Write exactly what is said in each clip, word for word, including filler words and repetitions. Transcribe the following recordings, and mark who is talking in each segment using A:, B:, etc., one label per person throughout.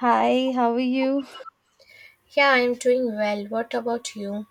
A: Hi, how are you?
B: Yeah, I'm doing well. What about you?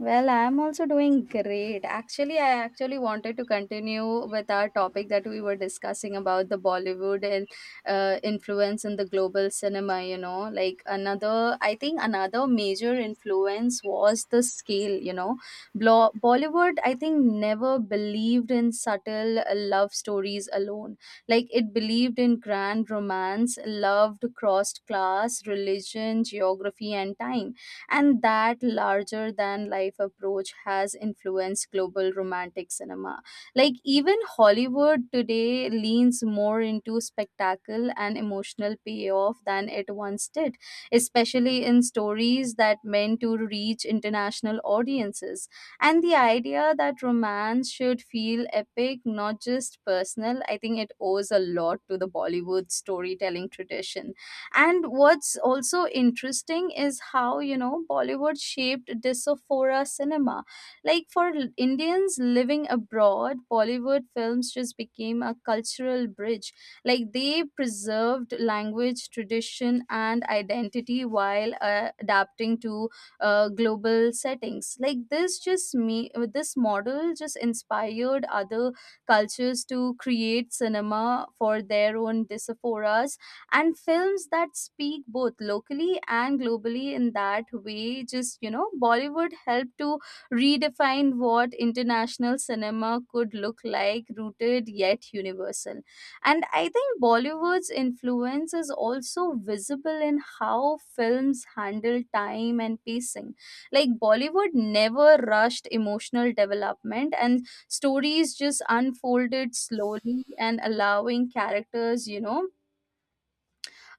A: Well, I'm also doing great. Actually, I actually wanted to continue with our topic that we were discussing about the Bollywood and uh, influence in the global cinema, you know. Like another, I think another major influence was the scale, you know. Blo- Bollywood, I think, never believed in subtle uh, love stories alone. Like it believed in grand romance, loved crossed class, religion, geography, and time, and that larger than life approach has influenced global romantic cinema. Like even Hollywood today leans more into spectacle and emotional payoff than it once did, especially in stories that meant to reach international audiences. And the idea that romance should feel epic, not just personal, I think it owes a lot to the Bollywood storytelling tradition. And what's also interesting is how you know Bollywood shaped diaspora cinema. Like for l- Indians living abroad, Bollywood films just became a cultural bridge. Like they preserved language, tradition, and identity while uh, adapting to uh, global settings. Like this just me this model just inspired other cultures to create cinema for their own diasporas and films that speak both locally and globally. In that way, just you know Bollywood helped to redefine what international cinema could look like, rooted yet universal. And I think Bollywood's influence is also visible in how films handle time and pacing. Like Bollywood never rushed emotional development, and stories just unfolded slowly, and allowing characters you know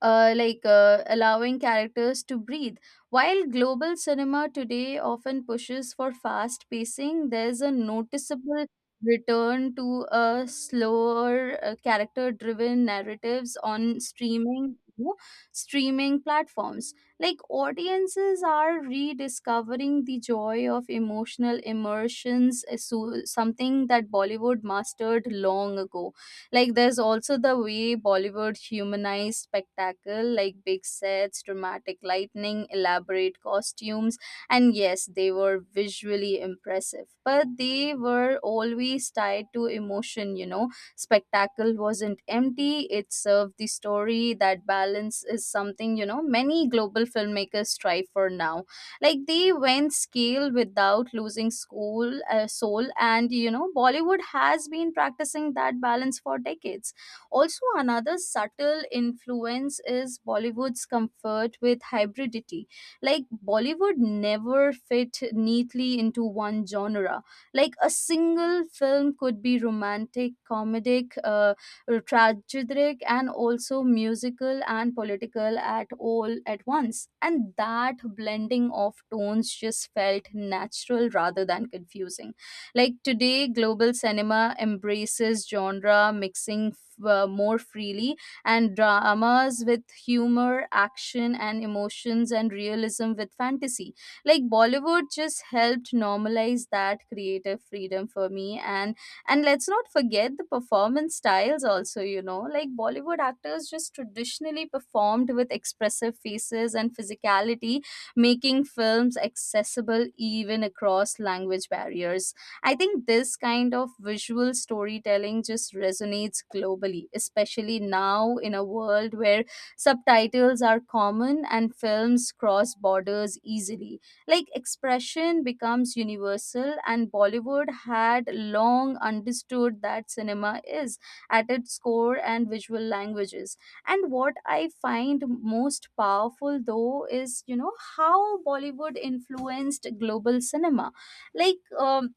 A: uh, like uh, allowing characters to breathe. While global cinema today often pushes for fast pacing, there's a noticeable return to a slower, uh, character driven narratives on streaming you know, streaming platforms. Like audiences are rediscovering the joy of emotional immersions, uh, so something that Bollywood mastered long ago. Like there's also the way Bollywood humanized spectacle, like big sets, dramatic lightning, elaborate costumes, and yes, they were visually impressive, but they were always tied to emotion, you know. Spectacle wasn't empty, it served the story. That balance is something, you know, many global filmmakers strive for now. Like they went scale without losing school uh, soul. And you know Bollywood has been practicing that balance for decades. Also, another subtle influence is Bollywood's comfort with hybridity. Like Bollywood never fit neatly into one genre. Like a single film could be romantic, comedic, uh, uh, tragic, and also musical and political at all at once, and that blending of tones just felt natural rather than confusing. Like today global cinema embraces genre mixing f- uh, more freely, and dramas with humor, action, and emotions, and realism with fantasy. Like Bollywood just helped normalize that creative freedom for me. And and let's not forget the performance styles also, you know, like Bollywood actors just traditionally performed with expressive faces and physicality, making films accessible even across language barriers. I think this kind of visual storytelling just resonates globally, especially now in a world where subtitles are common and films cross borders easily. Like expression becomes universal, and Bollywood had long understood that cinema is at its core and visual languages. And what I find most powerful though is, you know, how Bollywood influenced global cinema. Like, um,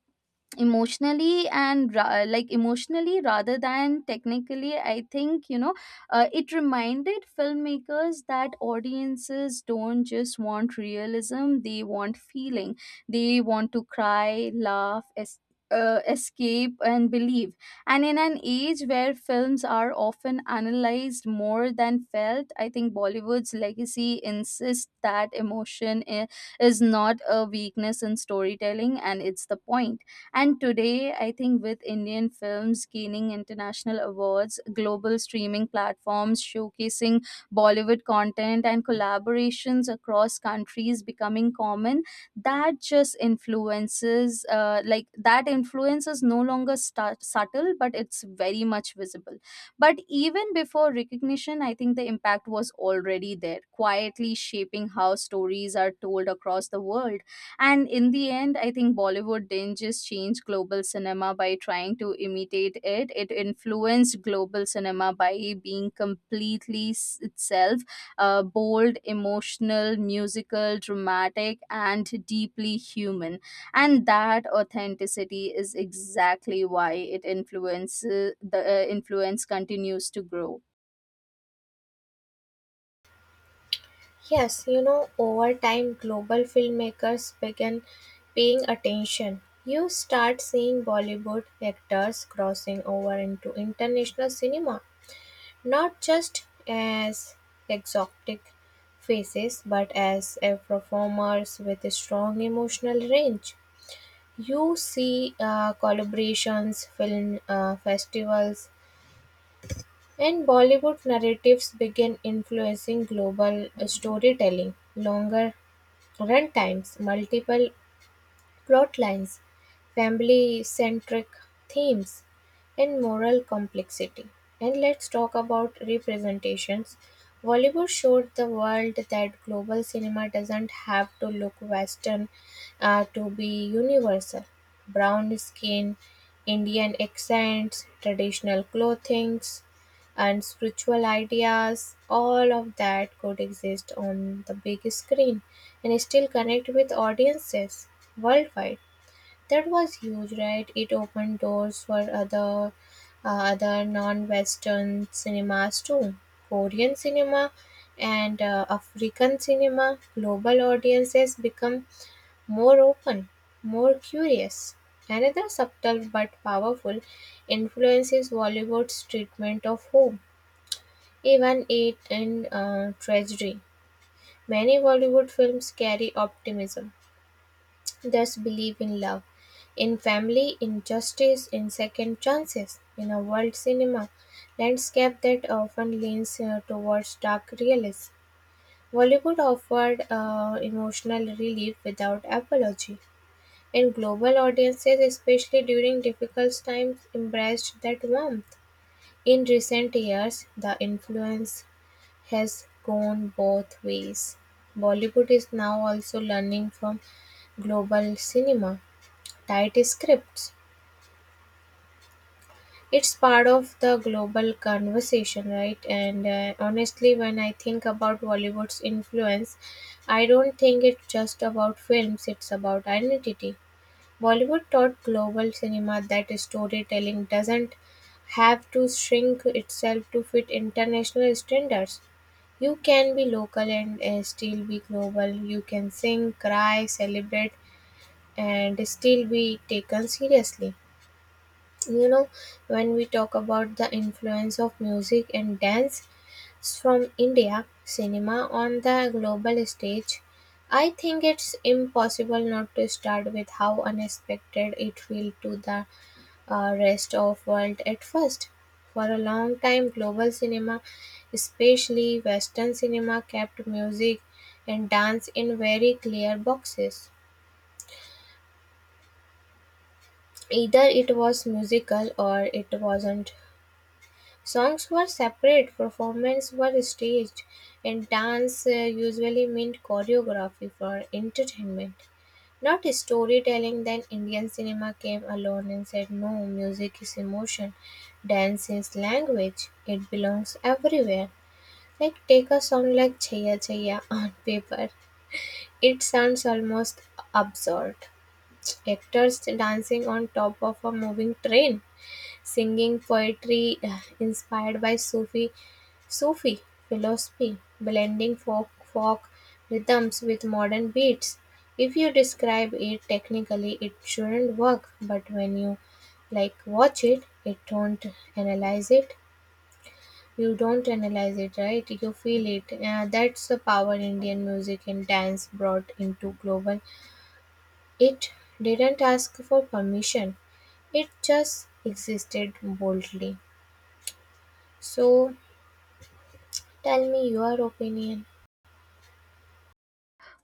A: Emotionally and ra- like emotionally rather than technically, I think you know uh, It reminded filmmakers that audiences don't just want realism, they want feeling. They want to cry, laugh, es- uh, escape, and believe. And in an age where films are often analyzed more than felt, I think Bollywood's legacy insists that emotion i- is not a weakness in storytelling, and it's the point. And today, I think with Indian films gaining international awards, global streaming platforms showcasing Bollywood content, and collaborations across countries becoming common, that just influences, uh, like, that influence is no longer stu- subtle, but it's very much visible. But even before recognition, I think the impact was already there, quietly shaping how stories are told across the world. And in the end, I think Bollywood didn't just change global cinema by trying to imitate it; it influenced global cinema by being completely s- itself: uh, bold, emotional, musical, dramatic, and deeply human. And that authenticity is exactly why it influences the uh, influence continues to grow.
B: Yes, you know, over time, global filmmakers began paying attention. You start seeing Bollywood actors crossing over into international cinema, not just as exotic faces, but as uh, performers with a strong emotional range. You see uh, collaborations, film uh, festivals, and Bollywood narratives began influencing global storytelling, longer runtimes, multiple plotlines, family-centric themes, and moral complexity. And let's talk about representations. Bollywood showed the world that global cinema doesn't have to look Western uh, to be universal. Brown skin, Indian accents, traditional clothings, and spiritual ideas, all of that could exist on the big screen and still connect with audiences worldwide. That was huge, right? It opened doors for other uh, other non-Western cinemas too, Korean cinema and uh, African cinema. Global audiences become more open, more curious. Another subtle but powerful influence is Bollywood's treatment of home, even it in uh, tragedy. Many Bollywood films carry optimism, thus, believe in love, in family, in justice, in second chances, in a world cinema landscape that often leans uh, towards dark realism. Bollywood offered uh, emotional relief without apology, and global audiences, especially during difficult times, embraced that warmth. In recent years, the influence has gone both ways. Bollywood is now also learning from global cinema tight scripts. It's part of the global conversation, right? And uh, honestly, when I think about Bollywood's influence, I don't think it's just about films, it's about identity. Bollywood taught global cinema that storytelling doesn't have to shrink itself to fit international standards. You can be local and uh, still be global. You can sing, cry, celebrate, and still be taken seriously. You know, when we talk about the influence of music and dance from India cinema on the global stage, I think it's impossible not to start with how unexpected it felt to the uh, rest of world at first. For a long time global cinema, especially western cinema, kept music and dance in very clear boxes. Either it was musical or it wasn't. Songs were separate, performances were staged, and dance uh, usually meant choreography for entertainment, not storytelling. Then Indian cinema came along and said, "No, music is emotion, dance is language, it belongs everywhere." Like, take a song like Chaya Chaya on paper, it sounds almost absurd. Actors dancing on top of a moving train singing poetry inspired by Sufi Sufi philosophy, blending folk folk rhythms with modern beats. If you describe it technically, it shouldn't work, but when you like watch it, it don't analyze it. You don't analyze it, right? You feel it. Uh, that's the power Indian music and dance brought into global. It didn't ask for permission. It just existed boldly. So tell me your opinion.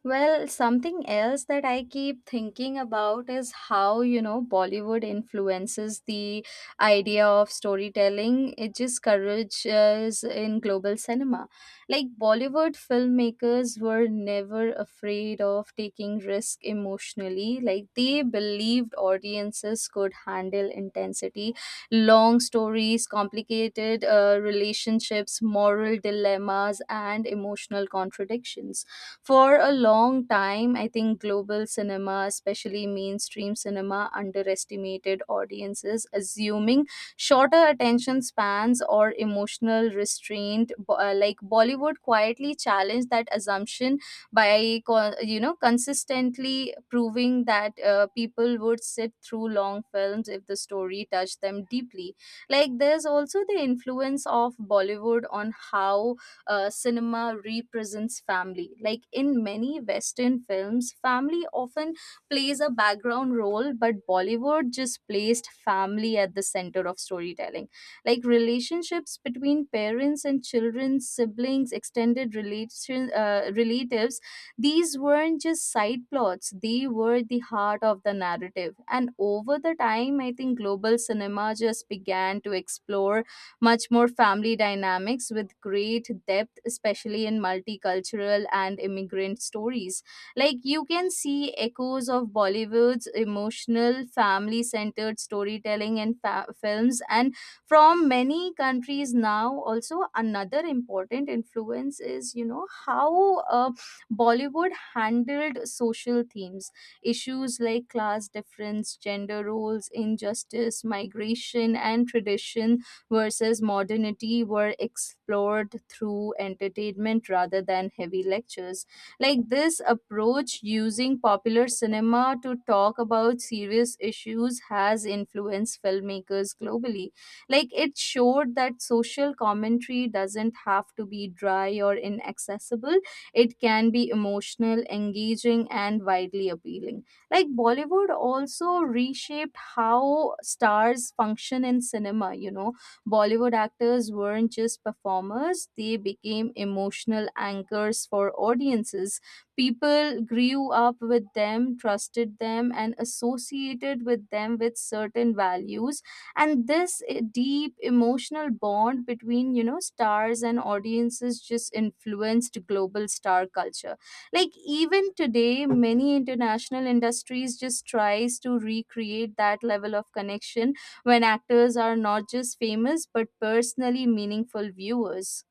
A: Well, something else that I keep thinking about is how, you know, Bollywood influences the idea of storytelling. It just courageous in global cinema. Like, Bollywood filmmakers were never afraid of taking risk emotionally. Like, they believed audiences could handle intensity, long stories, complicated uh, relationships, moral dilemmas, and emotional contradictions. For a long time, I think global cinema, especially mainstream cinema, underestimated audiences, assuming shorter attention spans or emotional restraint. Bo- uh, Like Bollywood quietly challenged that assumption by, co- you know, consistently proving that uh, people would sit through long films if the story touched them deeply. Like there's also the influence of Bollywood on how uh, cinema represents family. Like in many Western films, family often plays a background role, but Bollywood just placed family at the center of storytelling. Like relationships between parents and children, siblings, extended relation, uh, relatives, these weren't just side plots, they were the heart of the narrative. And over the time, I think global cinema just began to explore much more family dynamics with great depth, especially in multicultural and immigrant stories. Like you can see echoes of Bollywood's emotional, family centered storytelling in fa- films, and from many countries now. Also, another important influence is, you know, how uh, Bollywood handled social themes. Issues like class difference, gender roles, injustice, migration, and tradition versus modernity were explored through entertainment rather than heavy lectures. Like this approach, using popular cinema to talk about serious issues, has influenced filmmakers globally. Like it showed that social commentary doesn't have to be dry or inaccessible, it can be emotional, engaging, and widely appealing. Like Bollywood also reshaped how stars function in cinema, you know Bollywood actors weren't just performers, they became emotional anchors for audiences. People grew up with them, trusted them, and associated with them with certain values. And this eh, deep emotional bond between, you know, stars and audiences just influenced global star culture. Like even today many international industries just tries to recreate that level of connection when actors are not just famous but personally meaningful viewers.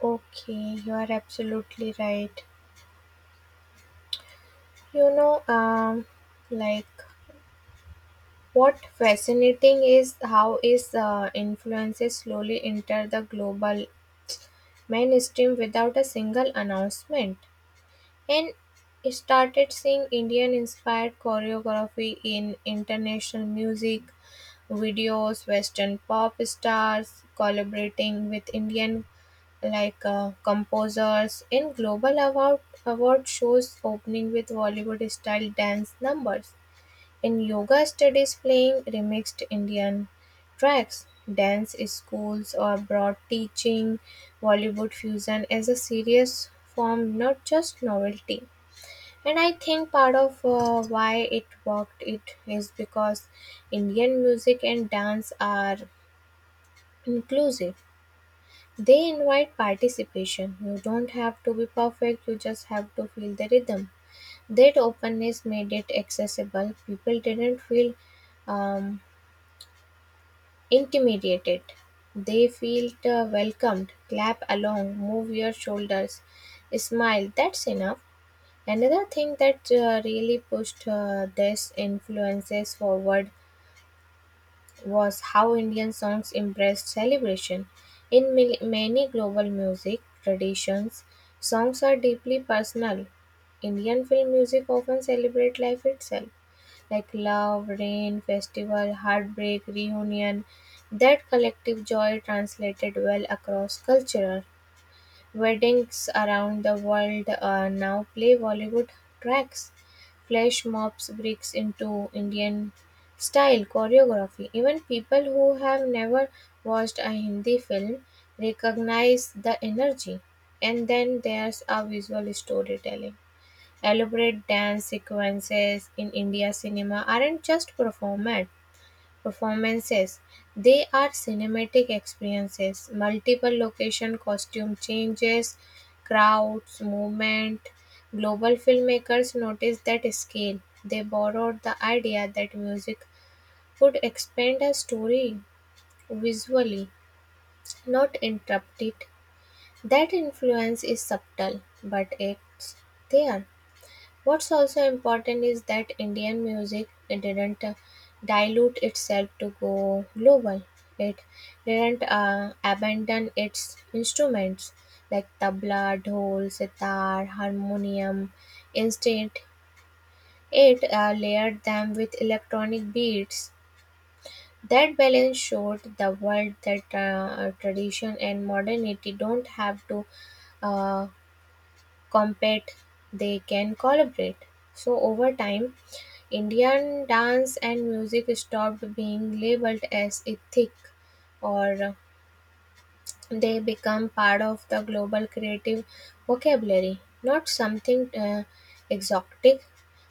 B: Okay, you are absolutely right. You know, um, like what fascinating is how is uh, influences slowly enter the global mainstream without a single announcement. And started seeing Indian-inspired choreography in international music videos, Western pop stars collaborating with Indian like uh, composers in global award award shows opening with Bollywood style dance numbers. In yoga studies playing remixed Indian tracks, dance schools or broad teaching Bollywood fusion as a serious form, not just novelty. And I think part of uh, why it worked it is because Indian music and dance are inclusive. They invite participation. You don't have to be perfect, you just have to feel the rhythm. That openness made it accessible. People didn't feel um, intimidated. They felt uh, welcomed. Clap along, move your shoulders, smile. That's enough. Another thing that uh, really pushed uh, these influences forward was how Indian songs embraced celebration. In mil- many global music traditions, songs are deeply personal. Indian film music often celebrate life itself, like love, rain, festival, heartbreak, reunion. That collective joy translated well across cultural. Weddings around the world uh, now play Bollywood tracks, flash mobs bricks into Indian style choreography. Even people who have never watched a Hindi film recognize the energy. And then there's a visual storytelling. Elaborate dance sequences in India cinema aren't just performed, performances. They are cinematic experiences, multiple location, costume changes, crowds, movement. Global filmmakers noticed that scale. They borrowed the idea that music could expand a story visually, not interrupt it. That influence is subtle but it's there. What's also important is that Indian music it didn't uh, dilute itself to go global. It didn't uh, abandon its instruments like tabla, dhol, sitar, harmonium. Instead, it uh, layered them with electronic beats. That balance showed the world that uh, tradition and modernity don't have to uh, compete, they can collaborate. So over time, Indian dance and music stopped being labeled as ethnic, or they become part of the global creative vocabulary, not something uh, exotic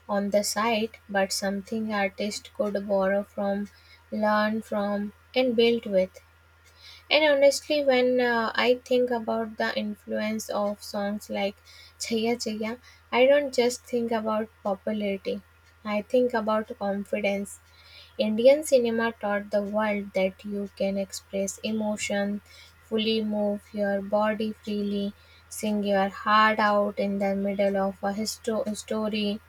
B: on the side, but something artists could borrow from, learn from, and build with. And honestly, when uh, I think about the influence of songs like Chaya Chaya, I don't just think about popularity. I think about confidence. Indian cinema taught the world that you can express emotion, fully move your body freely, sing your heart out in the middle of a histo- story,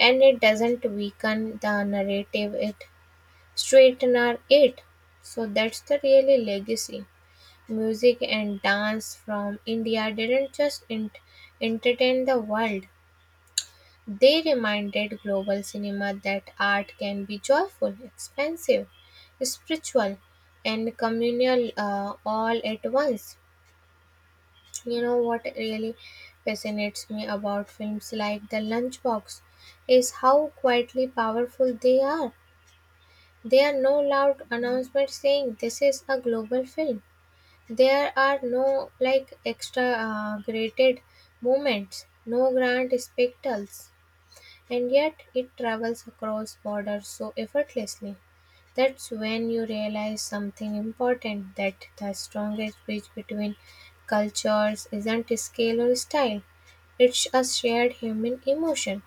B: and it doesn't weaken the narrative, it straightener it. So that's the really legacy. Music and dance from India didn't just ent- entertain the world, they reminded global cinema that art can be joyful, expansive, spiritual, and communal uh, all at once. You know what really fascinates me about films like The Lunchbox is how quietly powerful they are. They are no loud announcement saying this is a global film. There are no like extra uh, graded movements, no grand spectacles, and yet it travels across borders so effortlessly. That's when you realize something important, that the strongest bridge between cultures isn't scale or style, it's a shared human emotion.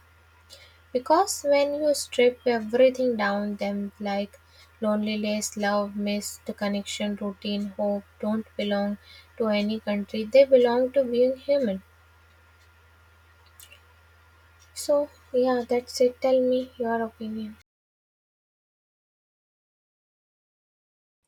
B: Because when you strip everything down them like loneliness, love, missed connection, routine, hope, don't belong to any country, they belong to being human. So yeah, that's it. Tell me your opinion.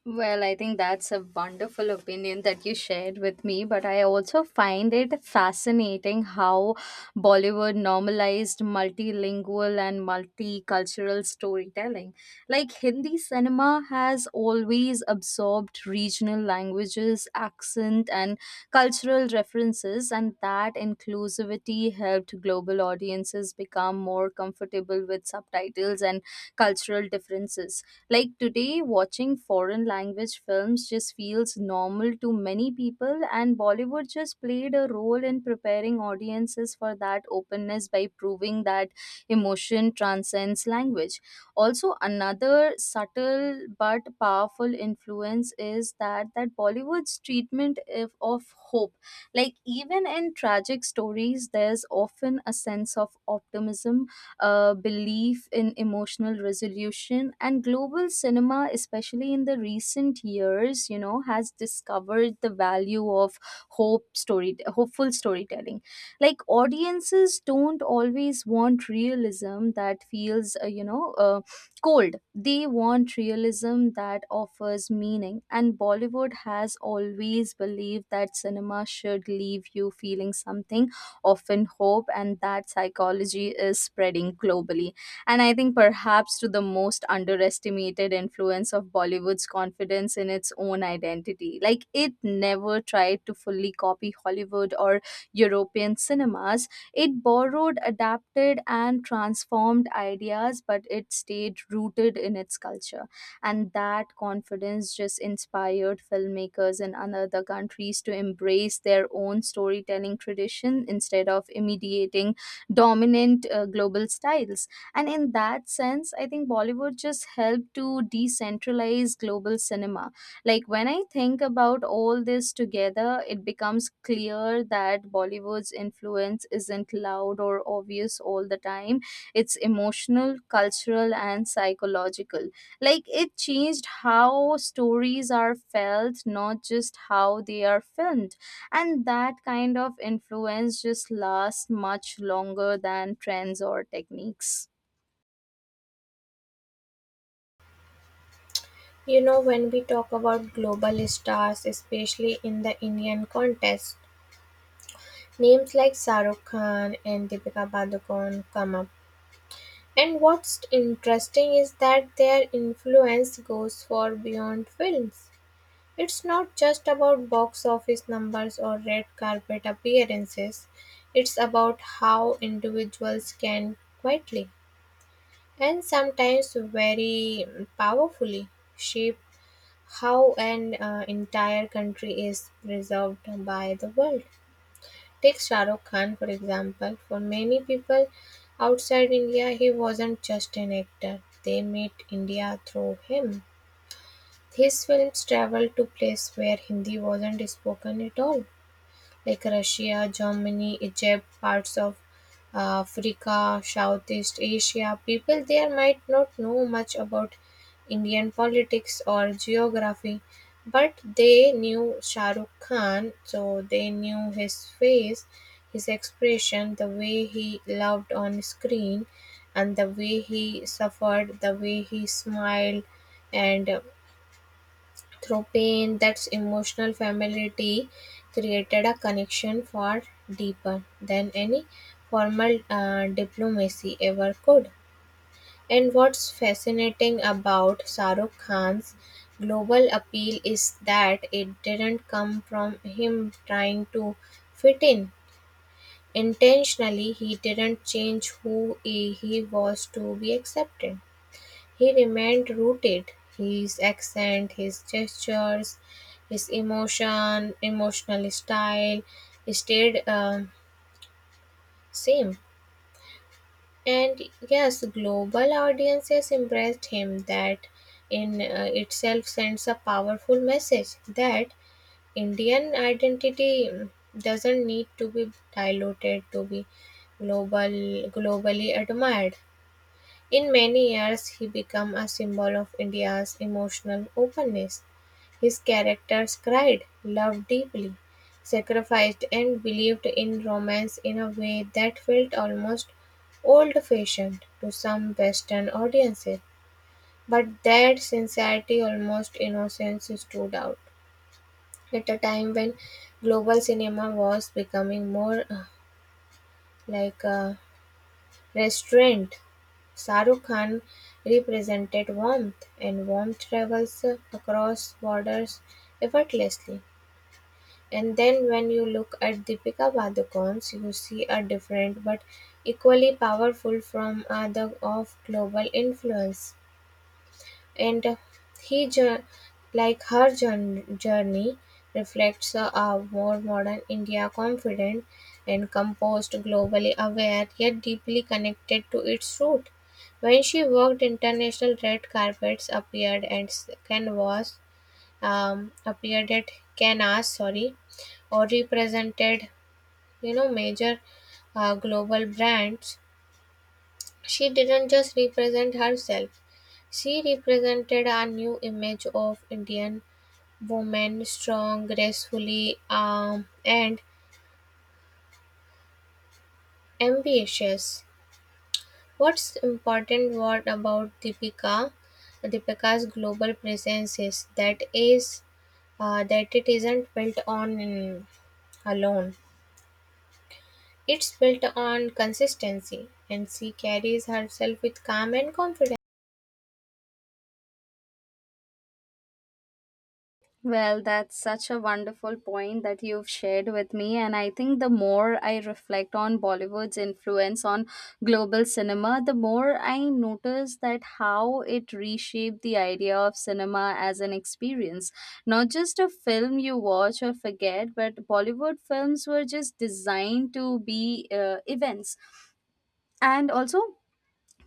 A: Well, I think that's a wonderful opinion that you shared with me, but I also find it fascinating how Bollywood normalized multilingual and multicultural storytelling. Like Hindi cinema has always absorbed regional languages, accent, and cultural references, and that inclusivity helped global audiences become more comfortable with subtitles and cultural differences. Like today, watching foreign language films just feels normal to many people, and Bollywood just played a role in preparing audiences for that openness by proving that emotion transcends language. Also, another subtle but powerful influence is that that Bollywood's treatment if, of hope. Like even in tragic stories, there's often a sense of optimism, uh, belief in emotional resolution. And global cinema, especially in the recent years, you know, has discovered the value of hope story, hopeful storytelling. Like audiences don't always want realism that feels, uh, you know, uh, cold. They want realism that offers meaning. And Bollywood has always believed that cinema should leave you feeling something, often hope, and that psychology is spreading globally. And I think perhaps to the most underestimated influence of Bollywood's confidence in its own identity. Like it never tried to fully copy Hollywood or European cinemas. It borrowed, adapted, and transformed ideas, but it stayed rooted in its culture, and that confidence just inspired filmmakers in other countries to embrace their own storytelling tradition instead of imitating dominant uh, global styles. And in that sense, I think Bollywood just helped to decentralize global cinema. Like when I think about all this together, it becomes clear that Bollywood's influence isn't loud or obvious all the time. It's emotional, cultural, and psychological. Like it changed how stories are felt, not just how they are filmed, and that kind of influence just lasts much longer than trends or techniques.
B: You know, when we talk about global stars, especially in the Indian context, names like Sarukh Khan and Deepika Padukone come up. And what's interesting is that their influence goes far beyond films. It's not just about box office numbers or red carpet appearances. It's about how individuals can quietly and sometimes very powerfully shape how an uh, entire country is preserved by the world. Take Shah Rukh Khan for example. For many people outside India, he wasn't just an actor. They met India through him. His films traveled to places where Hindi wasn't spoken at all, like Russia, Germany, Egypt, parts of uh, Africa, Southeast Asia. People there might not know much about Indian politics or geography, but they knew Shah Rukh Khan, so they knew his face, his expression, the way he loved on screen, and the way he suffered, the way he smiled, and through pain, that's emotional familiarity created a connection far deeper than any formal uh, diplomacy ever could. And what's fascinating about Saruk Khan's global appeal is that it didn't come from him trying to fit in. Intentionally, he didn't change who he he was to be accepted. He remained rooted; his accent, his gestures, his emotion, emotional style stayed um, same. And yes, global audiences embraced him. That in uh, itself sends a powerful message that Indian identity mm, doesn't need to be diluted to be global globally admired. In many years he became a symbol of India's emotional openness. His characters cried, loved deeply, sacrificed, and believed in romance in a way that felt almost old fashioned to some Western audiences. But that sincerity, almost innocence, stood out at a time when global cinema was becoming more uh, like a restraint. Shahrukh Khan represented warmth, and warmth travels across borders effortlessly. And then when you look at Deepika Padukone's, you see a different but equally powerful from other of global influence. And he, jour- like her jour- journey, reflects uh, a more modern India, confident and composed, globally aware, yet deeply connected to its root. When she worked, international red carpets appeared and s- canvas um, appeared at Canas, sorry, or represented, you know, major uh, global brands. She didn't just represent herself; she represented a new image of Indian woman: strong, gracefully, calm and ambitious. What's important what about Deepika Deepika's global presence is that is uh, that it isn't built on mm, alone. It's built on consistency and she carries herself with calm and confidence.
A: Well, that's such a wonderful point that you've shared with me. And I think the more I reflect on Bollywood's influence on global cinema, the more I notice that how it reshaped the idea of cinema as an experience. Not just a film you watch or forget, but Bollywood films were just designed to be uh, events. And also,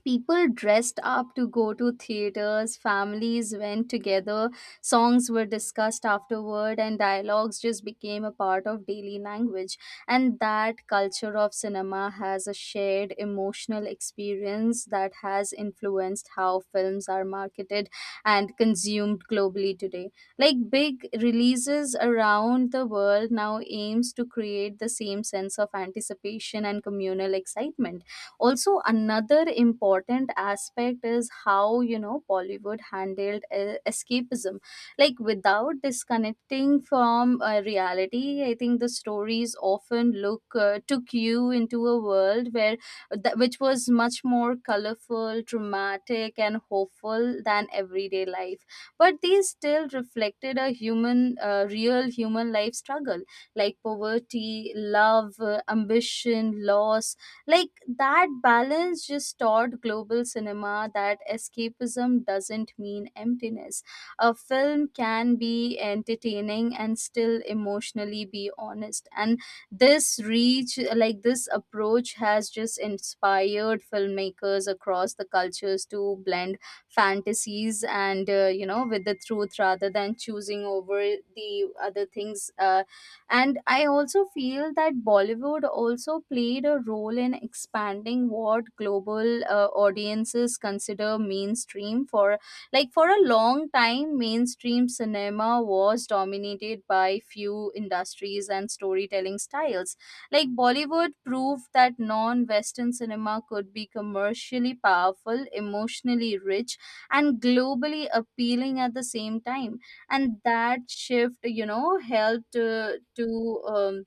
A: people dressed up to go to theaters, families went together, songs were discussed afterward, and dialogues just became a part of daily language. And that culture of cinema has a shared emotional experience that has influenced how films are marketed and consumed globally today. Like big releases around the world now aims to create the same sense of anticipation and communal excitement. Also, another important aspect is how you know Bollywood handled uh, escapism. Like without disconnecting from uh, reality, I think the stories often look uh, took you into a world where th- which was much more colorful, dramatic, and hopeful than everyday life. But these still reflected a human uh, real human life struggle, like poverty, love, uh, ambition, loss. Like that balance just taught global cinema that escapism doesn't mean emptiness. A film can be entertaining and still emotionally be honest. And this reach, like this approach has just inspired filmmakers across the cultures to blend fantasies and uh, you know with the truth rather than choosing over the other things. Uh, and I also feel that Bollywood also played a role in expanding what global uh, audiences consider mainstream. For like for a long time, mainstream cinema was dominated by few industries and storytelling styles. Like Bollywood proved that non western cinema could be commercially powerful, emotionally rich, and globally appealing at the same time. And that shift, you know helped uh, to um,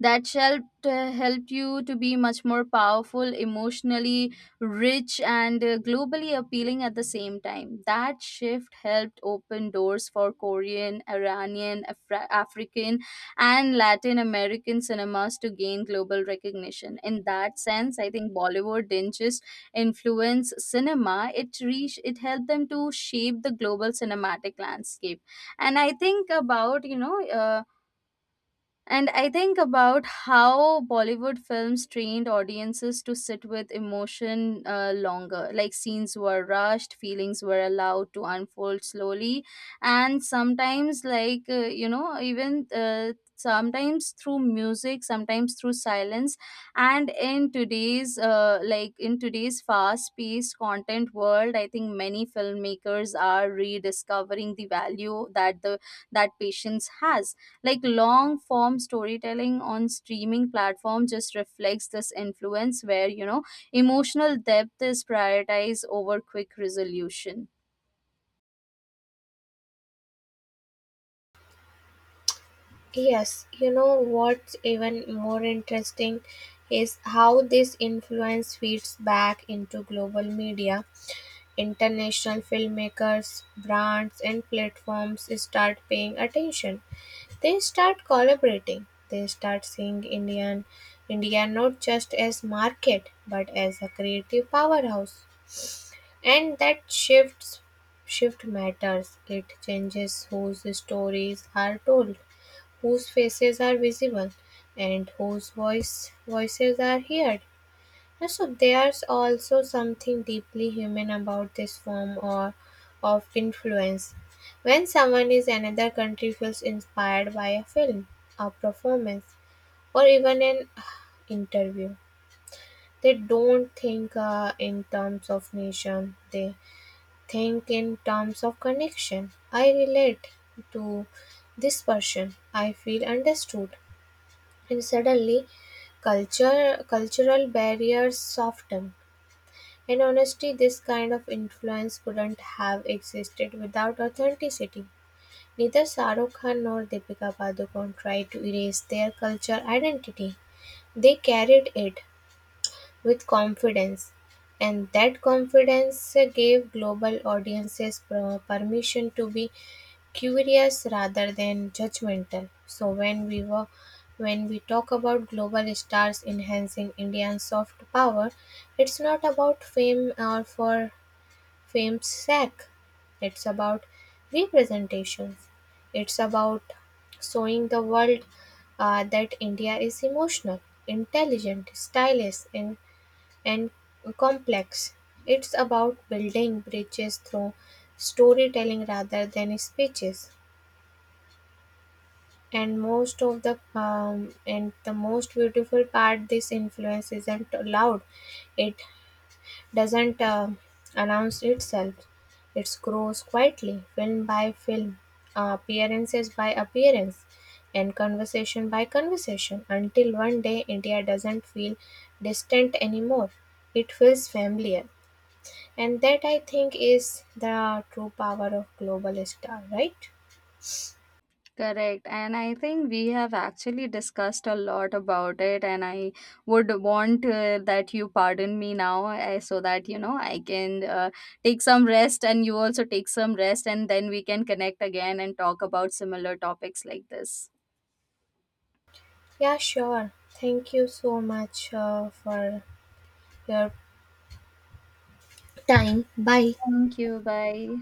A: that shall uh, help you to be much more powerful, emotionally rich, and uh, globally appealing at the same time. That shift helped open doors for Korean, Iranian, Afra- African, and Latin American cinemas to gain global recognition. In that sense, I think Bollywood didn't just influence cinema; it reached, it helped them to shape the global cinematic landscape. And I think about you know. Uh, and I think about how Bollywood films trained audiences to sit with emotion uh, longer. Like scenes were rushed, feelings were allowed to unfold slowly, and sometimes, like, uh, you know, even. Uh, sometimes through music, sometimes through silence. And in today's uh, like in today's fast paced content world, I think many filmmakers are rediscovering the value that the that patience has. Like long form storytelling on streaming platform just reflects this influence where, you know, emotional depth is prioritized over quick resolution.
B: Yes, you know what's even more interesting is how this influence feeds back into global media. International filmmakers, brands, and platforms start paying attention. They start collaborating. They start seeing Indian India not just as market but as a creative powerhouse. And that shifts shift matters. It changes whose stories are told, whose faces are visible, and whose voice voices are heard. And so there's also something deeply human about this form or of influence. When someone in another country feels inspired by a film, a performance, or even an uh, interview, they don't think uh, in terms of nation, they think in terms of connection. I relate to this person, I feel understood, and suddenly culture cultural barriers soften. In honesty, this kind of influence couldn't have existed without authenticity. Neither Sarukhan Khan nor Deepika Padukone tried to erase their culture identity. They carried it with confidence, and that confidence gave global audiences per- permission to be curious rather than judgmental. So when we were when we talk about global stars enhancing Indian soft power, it's not about fame or for fame's sake. It's about representations. It's about showing the world uh, that India is emotional, intelligent, stylish, and, and complex. It's about building bridges through storytelling rather than speeches. And most of the um, and the most beautiful part, this influence isn't loud. It doesn't um announce itself. It grows quietly film by film, uh, appearances by appearance, and conversation by conversation, until one day India doesn't feel distant anymore, it feels familiar. And that, I think, is the true power of global star, right?
A: Correct. And I think we have actually discussed a lot about it. And I would want uh, that you pardon me now, uh, so that, you know, I can uh, take some rest, and you also take some rest. And then we can connect again and talk about similar topics like this.
B: Yeah, sure. Thank you so much uh, for your time. Bye.
A: Thank you. Bye.